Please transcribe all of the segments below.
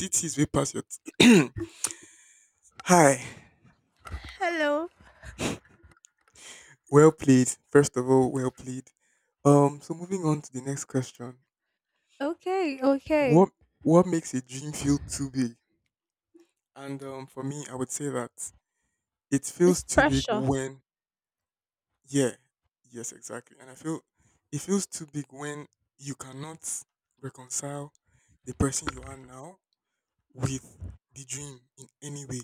DTs way past your. Hi. Hello. Well played. First of all, well played. So moving on to the next question. Okay, okay. What what makes a dream feel too big? And for me, I would say that it It's feels too big pressure. when. Yeah, yes, exactly. And I feel it feels too big when you cannot reconcile the person you are now with the dream in any way.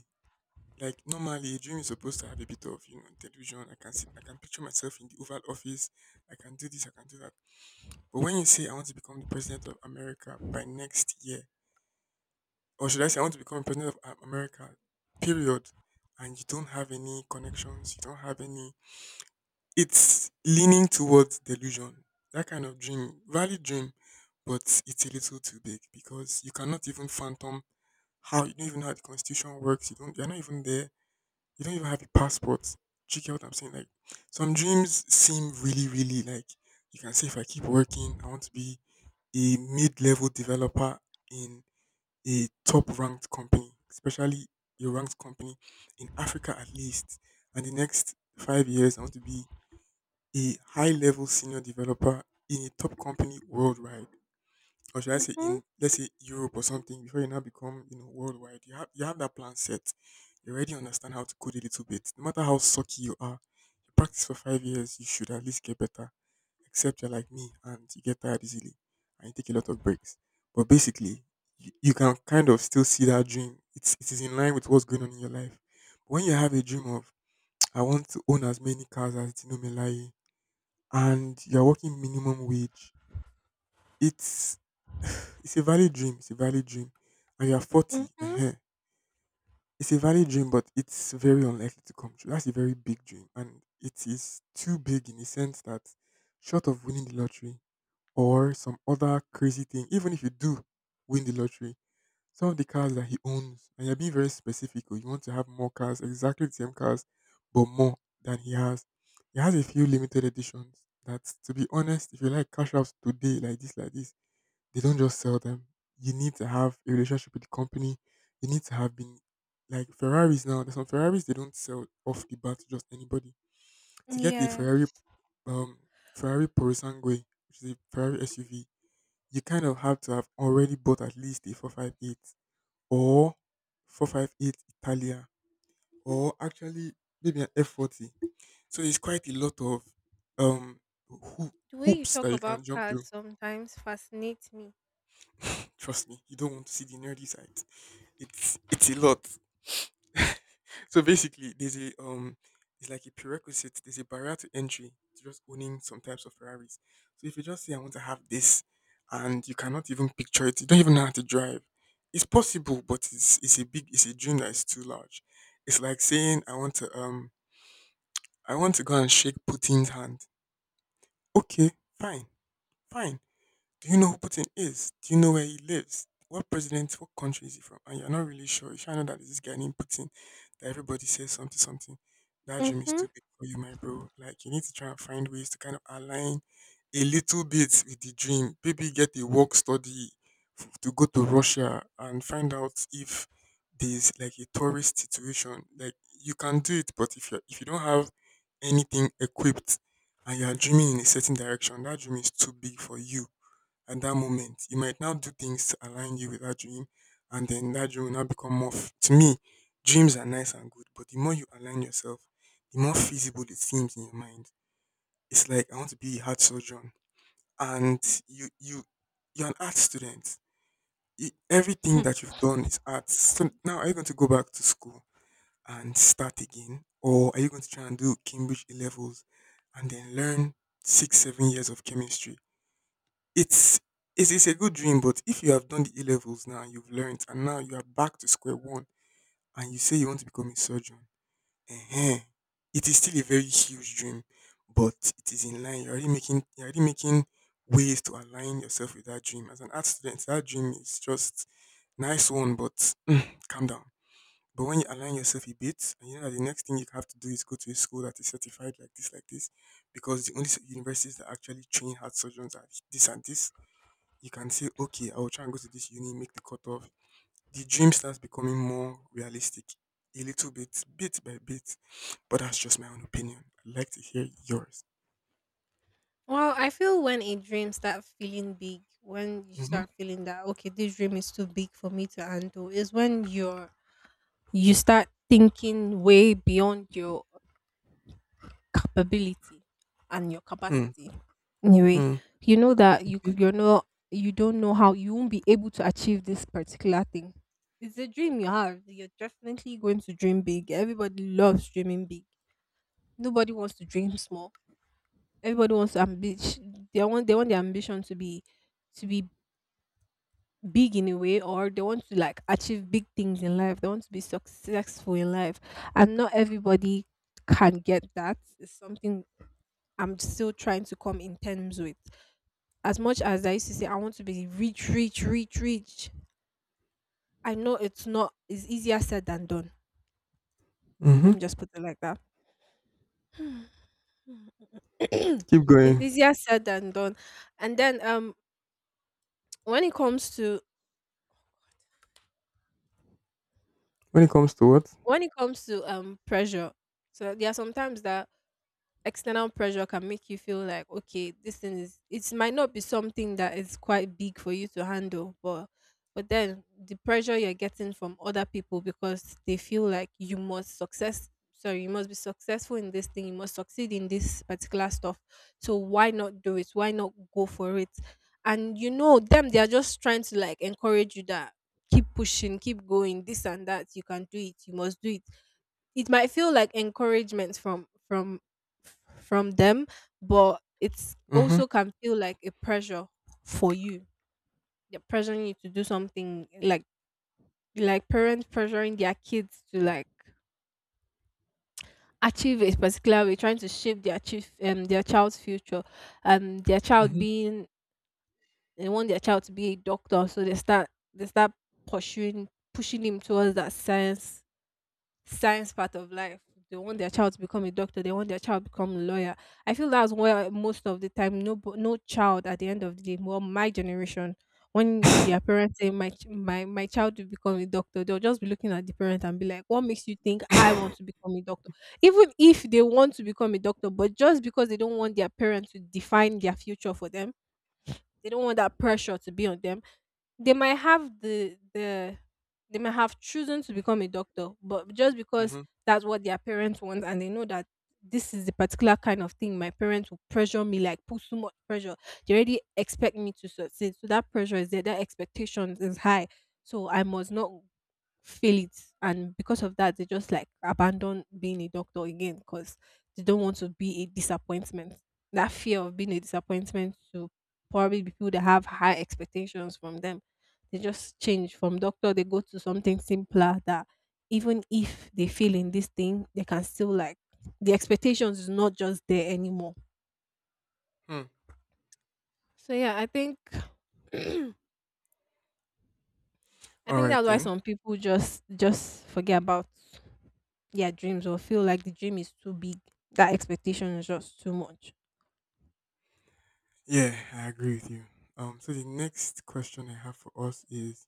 Like normally, a dream is supposed to have a bit of delusion. I can see, I can picture myself in the Oval Office. I can do this, I can do that. But when you say I want to become the president of America by next year, or should I say I want to become president of America, period, and you don't have any connections, you don't have any, it's leaning towards delusion. That kind of dream, valid dream, but it's a little too big because you cannot even phantom how you don't even know how the constitution works. You're not even there. You don't even have a passport. Do you get what I'm saying? Like some dreams seem really, really like you can say if I keep working, I want to be a mid-level developer in a top-ranked company, especially a ranked company in Africa at least. And the next 5 years, I want to be a high-level senior developer in a top company worldwide, or should I say Mm-hmm. in let's say Europe or something before you now become worldwide. You have that plan set. You already understand how to code a little bit. No matter how sucky you are, you practice for 5 years, you should at least get better. Except you're like me and you get tired easily and you take a lot of breaks. But basically, you can kind of still see that dream. It is in line with what's going on in your life. When you have a dream of I want to own as many cars as Dino Melai and you're working minimum wage, it's it's a valid dream, it's a valid dream, and you are 40. Mm-hmm. It's a valid dream, but it's very unlikely to come true. That's a very big dream, and it is too big in the sense that, short of winning the lottery or some other crazy thing, even if you do win the lottery, some of the cars that he owns, and you're being very specific, oh, you want to have more cars, exactly the same cars, but more than he has. He has a few limited editions that, to be honest, if you like cash outs today, like this, they don't just sell them. You need to have a relationship with the company. You need to have been like Ferraris now. There's some Ferraris they don't sell off the bat to just anybody. To get a Ferrari, Yes. um, Ferrari Purosangue, which is a Ferrari SUV, you kind of have to have already bought at least a 458 or 458 Italia, or actually maybe an F40. So there's quite a lot of um hoo- The way you hoops that talk you can about jump cars through. sometimes fascinates me. Trust me, you don't want to see the nerdy side. It's a lot. So basically, there's a it's like a prerequisite. There's a barrier to entry to just owning some types of Ferraris. So if you just say I want to have this, and you cannot even picture it, you don't even know how to drive. It's possible, but it's a dream that is too large. It's like saying I want to go and shake Putin's hand. Okay, fine, fine. Do you know who Putin is? Do you know where he lives? What president, what country is he from? And you're not really sure. You should know that there's this guy named Putin that everybody says something, something. That dream is Mm-hmm. too big for you, my bro. Like, you need to try and find ways to kind of align a little bit with the dream. Maybe get a work study to go to Russia and find out if there's like a tourist situation. Like, you can do it, but if you don't have anything equipped and you're dreaming in a certain direction, that dream is too big for you at that moment. You might now do things to align you with that dream, and then that dream will now become more. To me, dreams are nice and good, but the more you align yourself, the more feasible it seems in your mind. It's like I want to be a heart surgeon, and you you you're an art student. Everything that you've done is art. So now, are you going to go back to school and start again, or are you going to try and do Cambridge A levels and then learn six, 7 years of chemistry? It's it's a good dream, but if you have done the A levels now, you've learned, and now you are back to square one, and you say you want to become a surgeon, ehen, it is still a very huge dream, but it is in line. You're already making ways to align yourself with that dream. As an art student, that dream is just nice one, but calm down. But when you align yourself a bit, and you know that the next thing you have to do is go to a school that is certified like this, because the only universities that actually train heart surgeons are this and this, you can say, okay, I will try and go to this uni, make the cutoff. The dream starts becoming more realistic, a little bit, bit by bit. But that's just my own opinion. I'd like to hear yours. Well, I feel when a dream starts feeling big, when you start feeling that okay, this dream is too big for me to handle, is when you start thinking way beyond your capability and your Mm-hmm. capacity anyway. Mm-hmm. You know that you don't know how you won't be able to achieve this particular thing. It's a dream you have. You're definitely going to dream big. Everybody loves dreaming big, nobody wants to dream small. Everybody wants ambition, they want their ambition to be big in a way, or they want to like achieve big things in life. They want to be successful in life, and not everybody can get that. It's something I'm still trying to come in terms with. As much as I used to say, I want to be rich, rich, rich, rich. I know it's not, it's easier said than done. Mm-hmm. Let me just put it like that. Keep It's going. easier said than done. And then, when it comes to, When it comes to what? Pressure, so there are sometimes that external pressure can make you feel like okay, this thing is it might not be something that is quite big for you to handle, but then the pressure you're getting from other people, because they feel like you must be successful in this thing, you must succeed in this particular stuff. So why not do it, why not go for it? And you know them, they are just trying to like encourage you, that keep pushing, keep going, this and that, you can do it, you must do it. It might feel like encouragement from from them, but it's Mm-hmm. also can feel like a pressure for you. They're pressuring you to do something, like parents pressuring their kids to like achieve a particular way, trying to shape their chief their child's future. Their child Mm-hmm. being They want their child to be a doctor, so they start pursuing pushing him towards that science part of life. They want their child to become a doctor. They want their child to become a lawyer. I feel that's where most of the time, no, no child at the end of the day, well, my generation, when you, their parents say, my, child will become a doctor, they'll just be looking at the parent and be like, what makes you think I want to become a doctor? Even if they want to become a doctor, but just because they don't want their parents to define their future for them, they don't want that pressure to be on them. they might have the the they might have chosen to become a doctor, but just because Mm-hmm. that's what their parents want, and they know that this is the particular kind of thing my parents will pressure me, like put so much pressure. They already expect me to succeed. So that pressure is there, that expectation is high. So I must not feel it, and because of that they just like abandon being a doctor again, because they don't want to be a disappointment, that fear of being a disappointment to probably people that have high expectations from them. They just change from doctor, they go to something simpler, that even if they fail in this thing they can still like, the expectations is not just there anymore. So yeah, I think. i All think right that's why then. some people just forget about their dreams or feel like the dream is too big. That expectation is just too much. Yeah, I agree with you. So the next question I have for us is: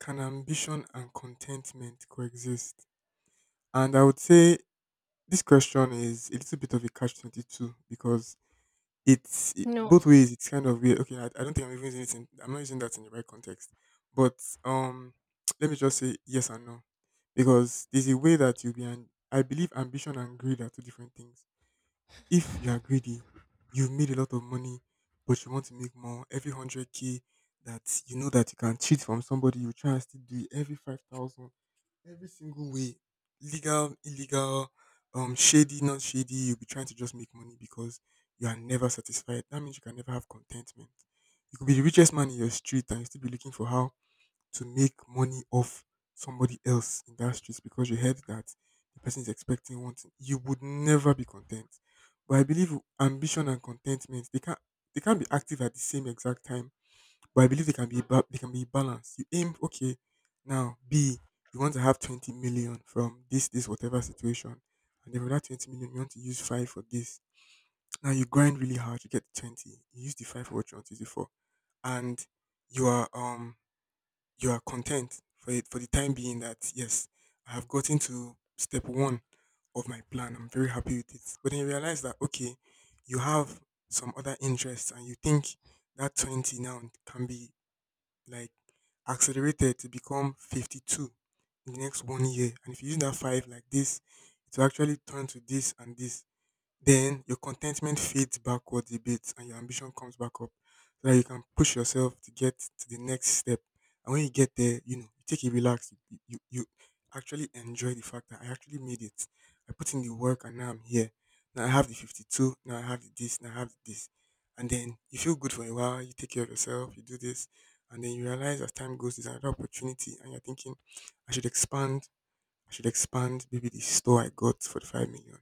can ambition and contentment coexist? And I would say this question is a little bit of a catch 22, because it's No. both ways. It's kind of weird. Okay, I don't think I'm even using it. I'm not using that in the right context. But um, let me just say yes and no, because there's a way that you'll be. I believe ambition and greed are two different things. If you are greedy, you've made a lot of money, but you want to make more. Every 100k that you know that you can cheat from somebody, you try and still do it. Every 5,000. Every single way, legal, illegal, shady, not shady, you'll be trying to just make money because you are never satisfied. That means you can never have contentment. You could be the richest man in your street and you still be looking for how to make money off somebody else in that street because you heard that the person is expecting one thing. You would never be content. But I believe ambition and contentment, they can't be active at the same exact time, but I believe they can be balanced. You aim okay. Now B, you want to have 20 million from this whatever situation, and then with that 20 million, you want to use five for this. Now you grind really hard, you get 20. You use the five for what you want to use it for, and you are um you are content for it for the time being, that yes, I have gotten to step one of my plan. I'm very happy with it. But then you realize that okay, you have some other interests, and you think that 20 now can be like accelerated to become 52 in the next one year. And if you use that five like this, it will actually turn to this and this, then your contentment fades backwards a bit and your ambition comes back up so that you can push yourself to get to the next step. And when you get there, you take it relaxed. You actually enjoy the fact that I actually made it. I put in the work and now I'm here. Now I have the 52, now I have the this, now I have the this. And then you feel good for a while, you take care of yourself, you do this. And then you realize as time goes, there's another opportunity, and you're thinking, I should expand I should expand maybe the store I got for the 5 million.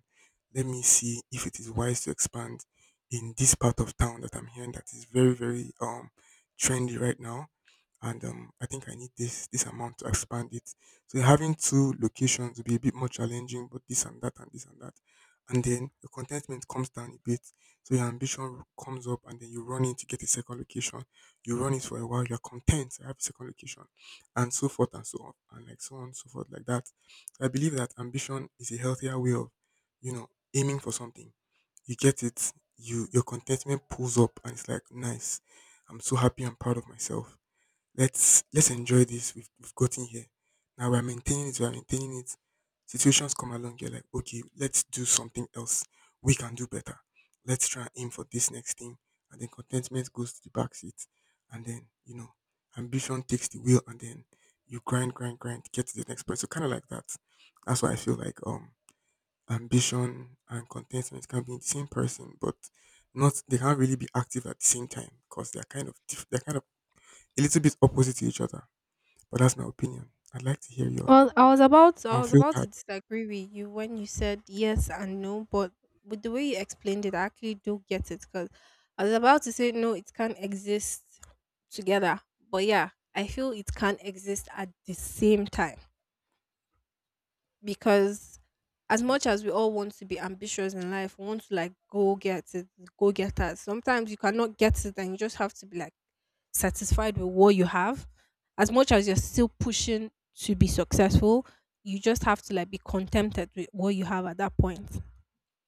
Let me see if it is wise to expand in this part of town that I'm hearing that is very, very trendy right now, and I think I need this amount to expand it. So having two locations will be a bit more challenging, but this and that and this and that, and then your contentment comes down a bit. So your ambition comes up, and then you run in to get a second location. You run it for a while, you're content. I have a second location, and so forth and so on, and like so on and so forth like that. So, I believe that ambition is a healthier way of, you know, aiming for something. You get it. You your contentment pulls up, and it's like nice. I'm so happy. I'm proud of myself. Let's enjoy this. We've gotten here. Now we're maintaining it. We're maintaining it. Situations come along. You're like, okay, let's do something else. We can do better. Let's try and aim for this next thing. And then contentment goes to the back seat. And then, you know, ambition takes the wheel. And then you grind, grind, grind to get to the next point. So kind of like that. That's why I feel like ambition and contentment can be in the same person, but not they can't really be active at the same time because they're kind of a little bit opposite to each other. But that's my opinion. I'd like to hear yours. Well, I was about Unfiltered. to disagree with you when you said yes and no, but with the way you explained it, I actually do get it, because I was about to say no, it can't exist together. But yeah, I feel it can't exist at the same time, because as Mm, much as we all want to be ambitious in life, we want to like go get it, go get us. Sometimes you cannot get it, and you just have to be like, satisfied with what you have. As much as you're still pushing to be successful, you just have to like be contented with what you have at that point,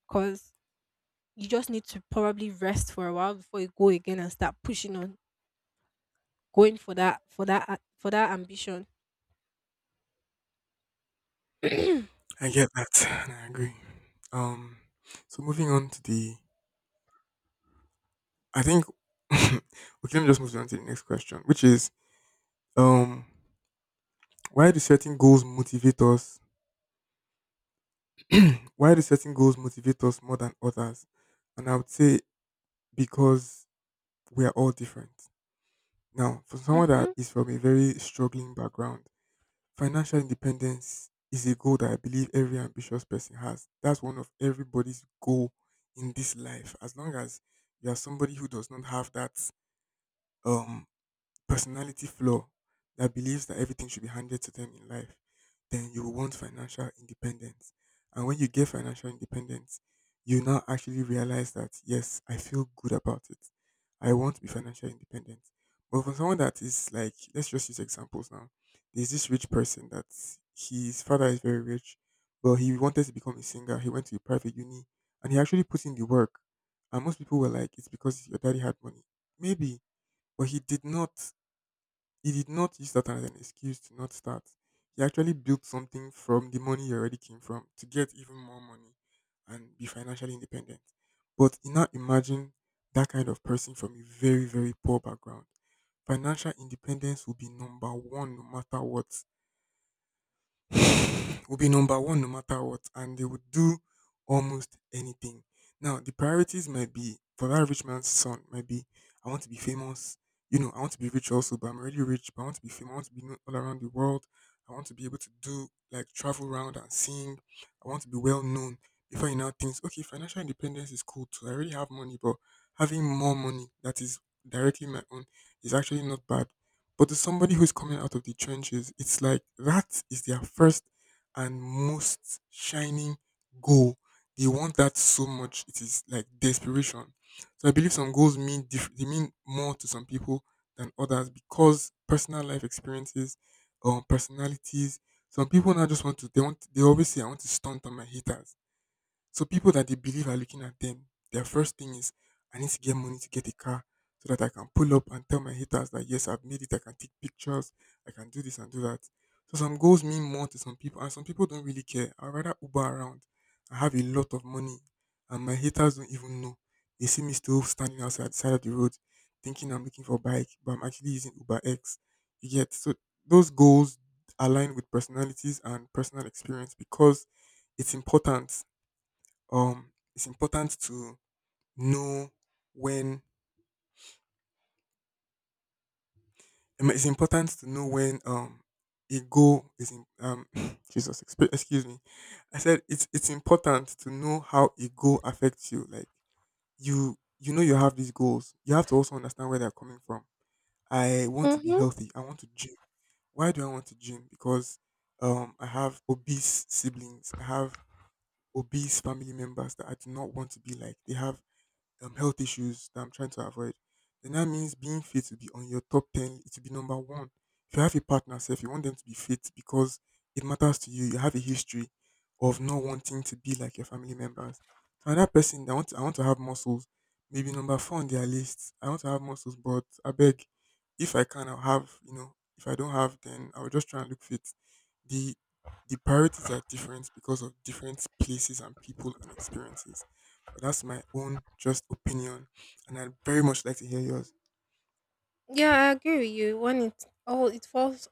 because you just need to probably rest for a while before you go again and start pushing on, going for that ambition. I get that, and I agree. Um, so moving on to I think, okay, let me just move on to the next question, which is, um, why do certain goals motivate us? Why do certain goals motivate us more than others? And I would say because we are all different. Now, for someone Mm-hmm, that is from a very struggling background, financial independence is a goal that I believe every ambitious person has. That's one of everybody's goal in this life. As long as you are somebody who does not have that um personality flaw that believes that everything should be handed to them in life, then you will want financial independence. And when you get financial independence, you now actually realize that, yes, I feel good about it. I want to be financially independent. But for someone that is like, let's just use examples now. There's this rich person that his father is very rich, but he wanted to become a singer. He went to a private uni and he actually put in the work. And most people were like, it's because your daddy had money. Maybe, but he did not use that as an excuse to not start. He actually built something from the money he already came from to get even more money and be financially independent. But you now imagine that kind of person from a very, very poor background. Financial independence will be number one no matter what. Will be number one no matter what, and they would do almost anything. Now, the priorities might be for that rich man's son, might be I want to be famous, you know, I want to be rich also, but I'm already rich, but I want to be famous, I want to be known all around the world, I want to be able to do like travel around and sing, I want to be well known. Before you now thinks, okay, financial independence is cool too. I already have money, but having more money that is directly my own is actually not bad. But to somebody who's coming out of the trenches, it's like that is their first and most shining goal. They want that so much. It is like desperation. So I believe some goals mean they mean more to some people than others because personal life experiences or personalities. Some people now just want to. They want. They always say, "I want to stunt on my haters." So people that they believe are looking at them, their first thing is, I need to get money to get a car so that I can pull up and tell my haters that yes, I've made it, I can take pictures, I can do this and do that. So some goals mean more to some people, and some people don't really care. I'd rather Uber around. I have a lot of money, and my haters don't even know. They see me still standing outside the side of the road, thinking I'm looking for a bike, but I'm actually using Uber X. You get so those goals align with personalities and personal experience because it's important, it's important to know when. It's important to know when a goal is Jesus excuse me. I said it's important to know how a goal affects you. Like you know you have these goals. You have to also understand where they're coming from. I want to be mm-hmm. healthy. I want to gym. Why do I want to gym? Because I have obese siblings. I have obese family members that I do not want to be like. They have health issues that I'm trying to avoid, then that means being fit will be on your top 10, it will be number one. If you have a partner, so if you want them to be fit because it matters to you, you have a history of not wanting to be like your family members. So another person that want I want to have muscles, maybe number four on their list. I want to have muscles, but I beg, if I can, I'll have, you know, if I don't have, then I'll just try and look fit. The the priorities are different because of different places and people and experiences. But that's my own just opinion, and I'd very much like to hear yours. Yeah, I agree with you. When it falls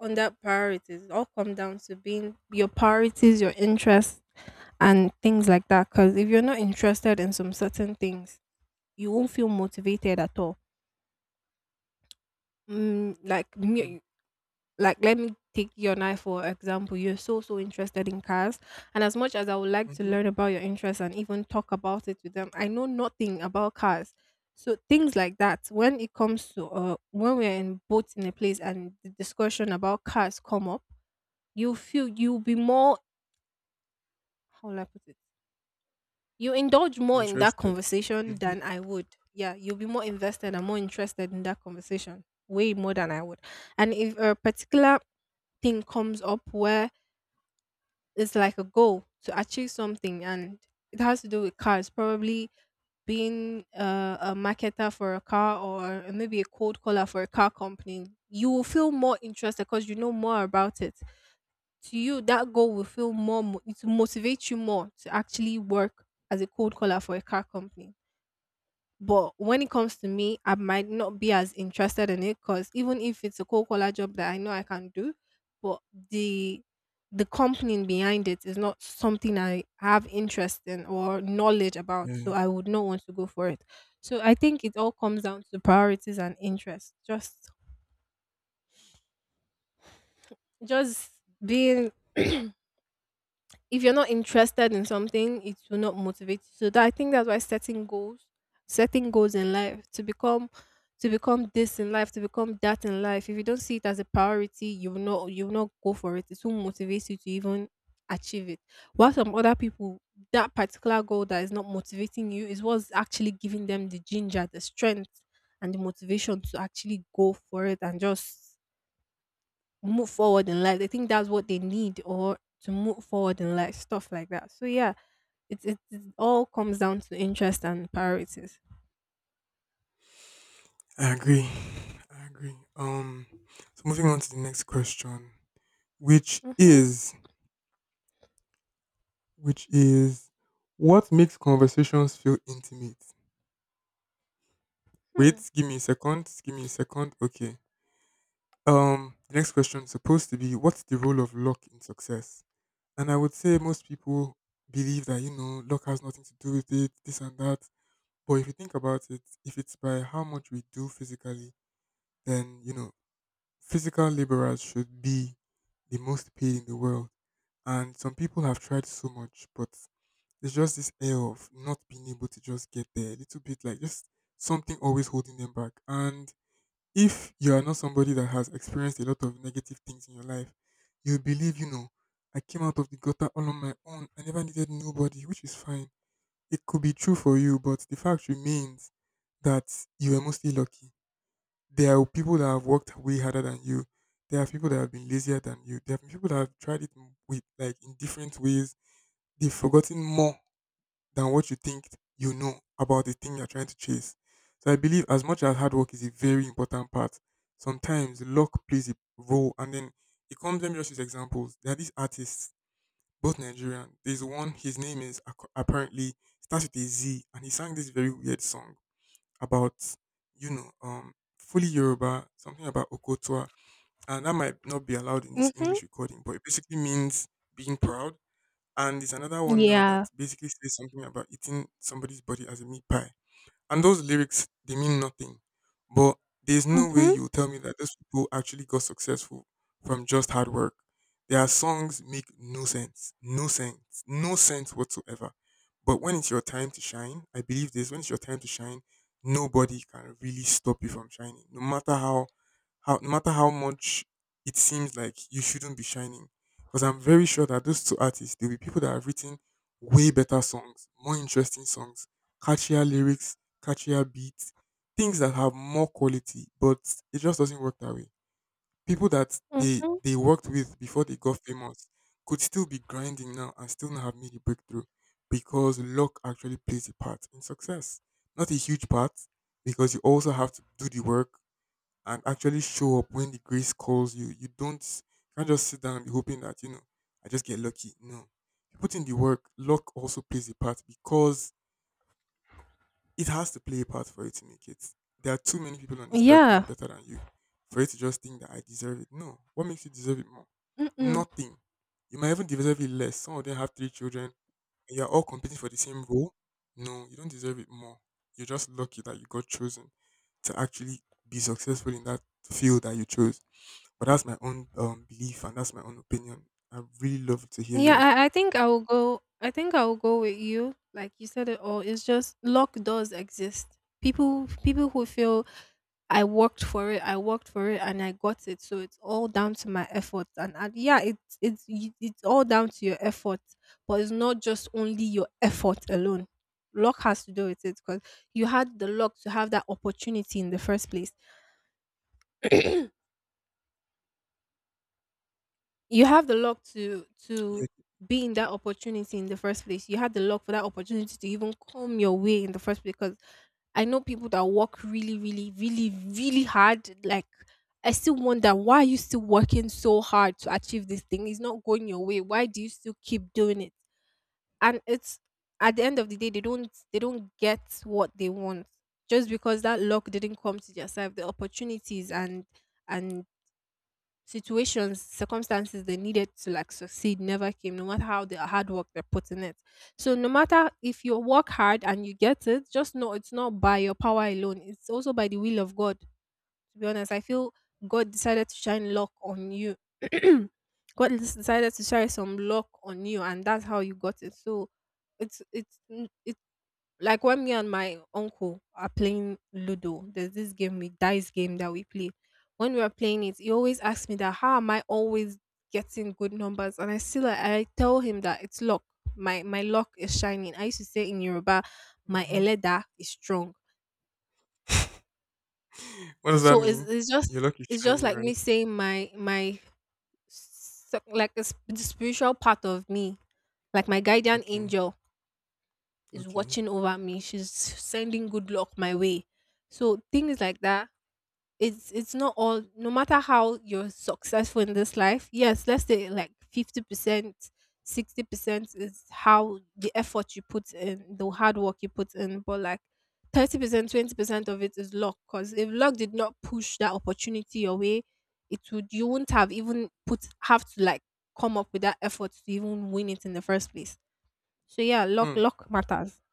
on that, priorities, it all come down to being your priorities, your interests and things like that, because if you're not interested in some certain things, you won't feel motivated at all. Mm, like me- like let me take your and I for example. You're so interested in cars, and as much as I would like to Mm-hmm. learn about your interests and even talk about it with them, I know nothing about cars. So things like that. When it comes to, when we're in both in a place and the discussion about cars come up, you'll be more. How will I put it? You indulge more in that Interested. conversation Hmm. than I would. Yeah, you'll be more invested and more interested in that conversation, way more than I would. And if a particular thing comes up where it's like a goal to achieve something and it has to do with cars, probably being a marketer for a car or maybe a cold caller for a car company, you will feel more interested because you know more about it. To you, that goal will feel more, it will motivate you more to actually work as a cold caller for a car company. But when it comes to me, I might not be as interested in it, because even if it's a cold collar job that I know I can do, but the the company behind it is not something I have interest in or knowledge about, so Yeah, I would not want to go for it. So I think it all comes down to priorities and interest. Just being if you're not interested in something, it will not motivate you. So that, I think that's why setting goals, in life, to become this in life, to become that in life. If you don't see it as a priority, you will not go for it. It won't motivate you to even achieve it. While some other people, that particular goal that is not motivating you is what's actually giving them the ginger, the strength, and the motivation to actually go for it and just move forward in life. They think that's what they need or to move forward in life, stuff like that. So yeah, it all comes down to interest and priorities. I agree. I agree. So moving on to the next question, which Mm-hmm. is, which is, what makes conversations feel intimate? Hmm. Wait, give me a second. Give me a second. Okay. The next question is supposed to be, what's the role of luck in success? And I would say most people believe that, you know, luck has nothing to do with it, this and that. But if you think about it, if it's by how much we do physically, then, you know, physical laborers should be the most paid in the world. And some people have tried so much, but there's just this air of not being able to just get there. A little bit like just something always holding them back. And if you are not somebody that has experienced a lot of negative things in your life, you believe, you know, I came out of the gutter all on my own. I never needed nobody, which is fine, it could be true for you, but the fact remains that you were mostly lucky. There are people that have worked way harder than you. There are people that have been lazier than you. There are people that have tried it with like in different ways. They've forgotten more than what you think you know about the thing you're trying to chase. So I believe as much as hard work is a very important part, sometimes luck plays a role. And then it comes, let me just use examples. There are these artists both Nigerian. There's one, his name is apparently starts with a Z, and he sang this very weird song about, you know, fully Yoruba, something about Okotua, and that might not be allowed in this Mm-hmm. English recording, but it basically means being proud. And there's another one now that Yeah. basically says something about eating somebody's body as a meat pie. And those lyrics, they mean nothing. But there's no way Mm-hmm. you'll tell me that those people actually got successful from just hard work. Their songs make no sense. No sense. No sense whatsoever. But when it's your time to shine, I believe this, when it's your time to shine, nobody can really stop you from shining. No matter how much it seems like you shouldn't be shining. Because I'm very sure that those two artists, there'll be people that have written way better songs, more interesting songs, catchier lyrics, catchier beats, things that have more quality, but it just doesn't work that way. People that they Mm-hmm. they worked with before they got famous could still be grinding now and still not have made a breakthrough because luck actually plays a part in success. Not a huge part, because you also have to do the work and actually show up when the grace calls you. You don't you can't just sit down and be hoping that, you know, I just get lucky. No. You put in the work, luck also plays a part because it has to play a part for you to make it. There are too many people on this earth doing Yeah. better than you for you to just think that I deserve it. No. What makes you deserve it more? Mm-mm. Nothing. You might even deserve it less. Some of them have three children, and you're all competing for the same role. No, you don't deserve it more. You're just lucky that you got chosen to actually be successful in that field that you chose. But that's my own belief, and that's my own opinion. I really love to hear Yeah. yours. I think I will go. I think I will go with you. Like you said it all. It's just, luck does exist. People who feel I worked for it. I worked for it, and I got it. So it's all down to my effort. And yeah, it's all down to your effort, but it's not just only your effort alone. Luck has to do with it, because you had the luck to have that opportunity in the first place. You have the luck to Yeah. to be in that opportunity in the first place. You had the luck for that opportunity to even come your way in the first place. Because I know people that work really, really, really, really hard. Like, I still wonder, why are you still working so hard to achieve this thing? It's not going your way. Why do you still keep doing it? And it's at the end of the day, they don't get what they want, just because that luck didn't come to yourself. The opportunities and situations, circumstances they needed to like succeed never came, no matter how the hard work they put in it. So no matter if you work hard and you get it, just know it's not by your power alone. It's also by the will of God. To be honest, I feel God decided to shine luck on you. God decided to shine some luck on you, and that's how you got it. So it's n- it like when me and my uncle are playing Ludo, there's this game with dice game that we play. When we are playing it, he always asks me that how am I always getting good numbers? And I tell him that it's luck. My luck is shining. I used to say in Yoruba, my Hmm. eleda is strong. What does that So it's mean? it's just Your luck is it's just shining, like right? me saying my my s- like a, sp- the spiritual part of me, like my guardian Okay. angel is Okay. watching over me. She's sending good luck my way. So things like that, it's not all. No matter how you're successful in this life, yes, let's say like 50% 60% is how the effort you put in, the hard work you put in, but like 30% 20% of it is luck, because if luck did not push that opportunity your way, it would you wouldn't have even put have to like come up with that effort to even win it in the first place. So yeah, luck Hmm. luck matters.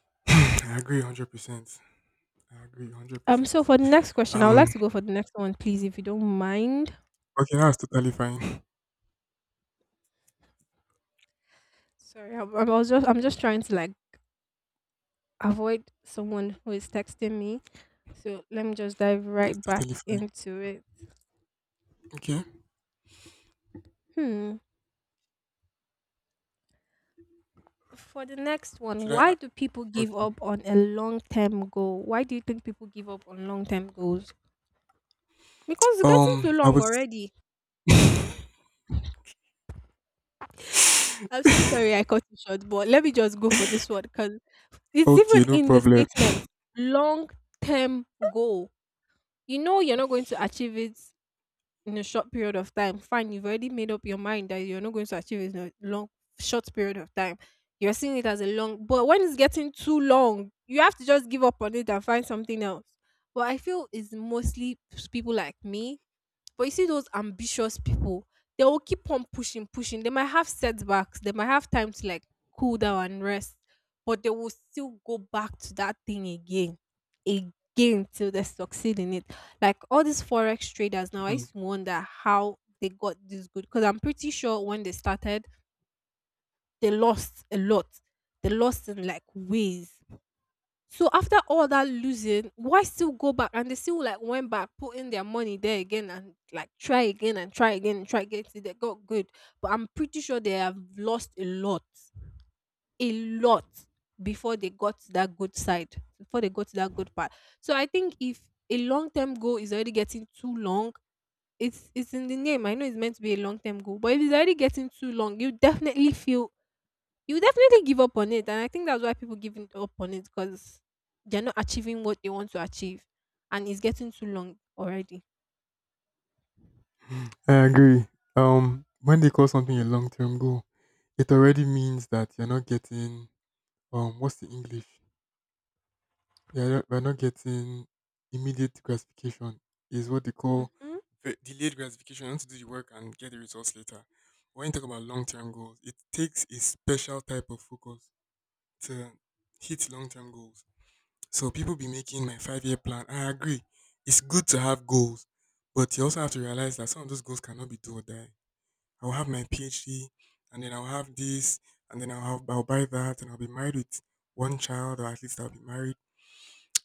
I agree 100%. I agree So 100%. for the next question, I would Um, like to go for the next one, please, if you don't mind. okay, that's totally fine. Sorry, I'm just trying to like avoid someone who is texting me. So let me just dive That's right back totally fine. into it. Okay. Hmm. For the next one, Should why I? do people give up Okay. on a long term goal? Why do you think people give up on long term goals? Because it's getting too I long was. already. I'm so sorry I cut you short, but let me just go for this one because it's Okay, even no in the problem. statement, long term goal. You know you're not going to achieve it in a short period of time. Fine, you've already made up your mind that you're not going to achieve it in a short period of time. You're seeing it as a long, but when it's getting too long, you have to just give up on it and find something else. But I feel it's mostly people like me. But you see those ambitious people, they will keep on pushing, pushing. They might have setbacks, they might have time to like cool down and rest, but they will still go back to that thing again, again till they succeed in it. Like all these forex traders now, I Hmm, used to wonder how they got this good because I'm pretty sure when they started, they lost a lot. They lost in like ways. So after all that losing, why still go back? And they still like went back, put in their money there again and like try again and try again and try again till they got good. But I'm pretty sure they have lost a lot, a lot, before they got to that good side, before they got to that good part. So I think if a long term goal is already getting too long, it's in the name. I know it's meant to be a long term goal, but if it's already getting too long, you definitely feel, you definitely give up on it. And I think that's why people up on it because they're not achieving what they want to achieve. And it's getting too long already. I agree. When they call something a long term goal, it already means that you're not getting what's the English? Yeah, are we're not getting immediate gratification. Is what they call Hmm. Delayed gratification. You want to do the work and get the results later. When you talk about long-term goals, it takes a special type of focus to hit long-term goals. So people be making my five-year plan. I agree. It's good to have goals, but you also have to realize that some of those goals cannot be do or die. I will have my PhD, and then I'll have this, and then I'll buy that, and I'll be married with one child, or at least I'll be married,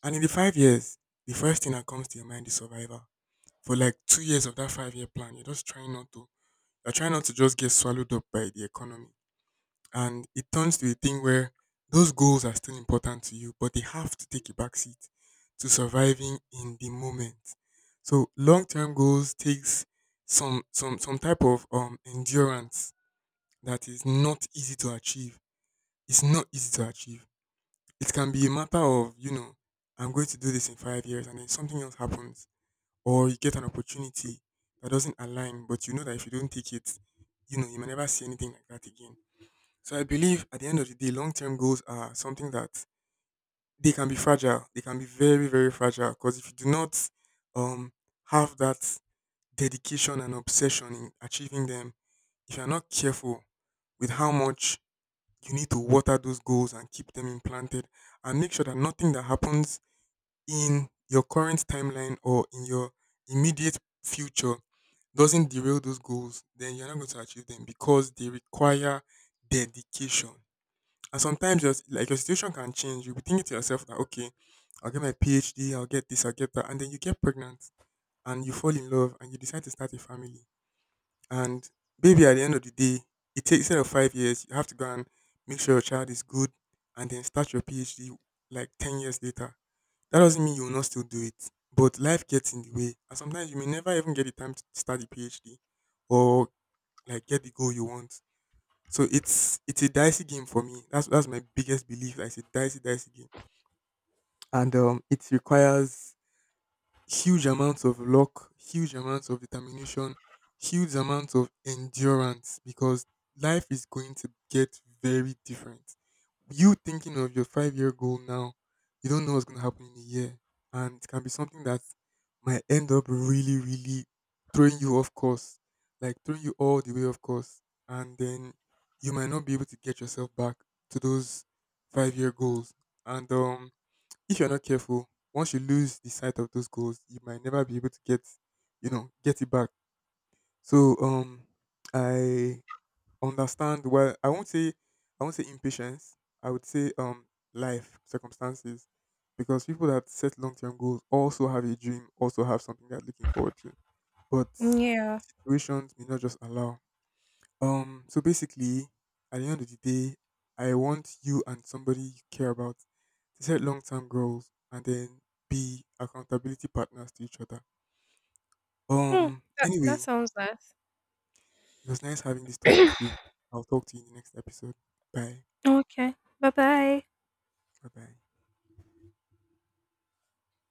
and in the 5 years, the first thing that comes to your mind is survival. For like 2 years of that 5-year plan, you're just trying not to you're trying not to just get swallowed up by the economy. And it turns to a thing where those goals are still important to you, but they have to take a back seat to surviving in the moment. So long term goals takes some type of endurance that is not easy to achieve. It's not easy to achieve. It can be a matter of, I'm going to do this in 5 years, and then something else happens, or you get an opportunity that doesn't align, but you know that if you don't take it, you may never see anything like that again. So I believe at the end of the day, long term goals are something that they can be fragile. They can be very, very fragile because if you do not um, have that dedication and obsession in achieving them. If you're not careful with how much you need to water those goals and keep them implanted, and make sure that nothing that happens in your current timeline or in your immediate future doesn't derail those goals, then you're not going to achieve them because they require dedication. And sometimes just like your situation can change. You'll be thinking to yourself that okay, I'll get my PhD, I'll get this, I'll get that, and then you get pregnant and you fall in love and you decide to start a family. And baby, at the end of the day, it takes instead of 5 years, you have to go and make sure your child is good and then start your PhD like 10 years later. That doesn't mean you will not still do it, but life gets in the way, and sometimes you may never even get the time to start the PhD or like get the goal you want. So it's a dicey game for me. That's my biggest belief. That It's a dicey, dicey game, and it requires huge amounts of luck, huge amounts of determination, huge amounts of endurance because life is going to get very different. You thinking of your 5-year goal now, you don't know what's going to happen in a year. And it can be something that might end up really, really throwing you off course, like throwing you all the way off course. And then you might not be able to get yourself back to those 5-year goals. And if you're not careful, once you lose the sight of those goals, you might never be able to get it back. So I understand. Well, I won't say impatience. I would say life circumstances, because people that set long-term goals also have a dream, also have something they're looking forward to, but Yeah. situations may not just allow. So basically, at the end of the day, I want you and somebody you care about to set long term goals and then be accountability partners to each other. Hmm. That, that Anyway, sounds nice. it was nice having this talk with you. I'll talk to you in the next episode. Bye. Okay. Bye bye. Bye bye.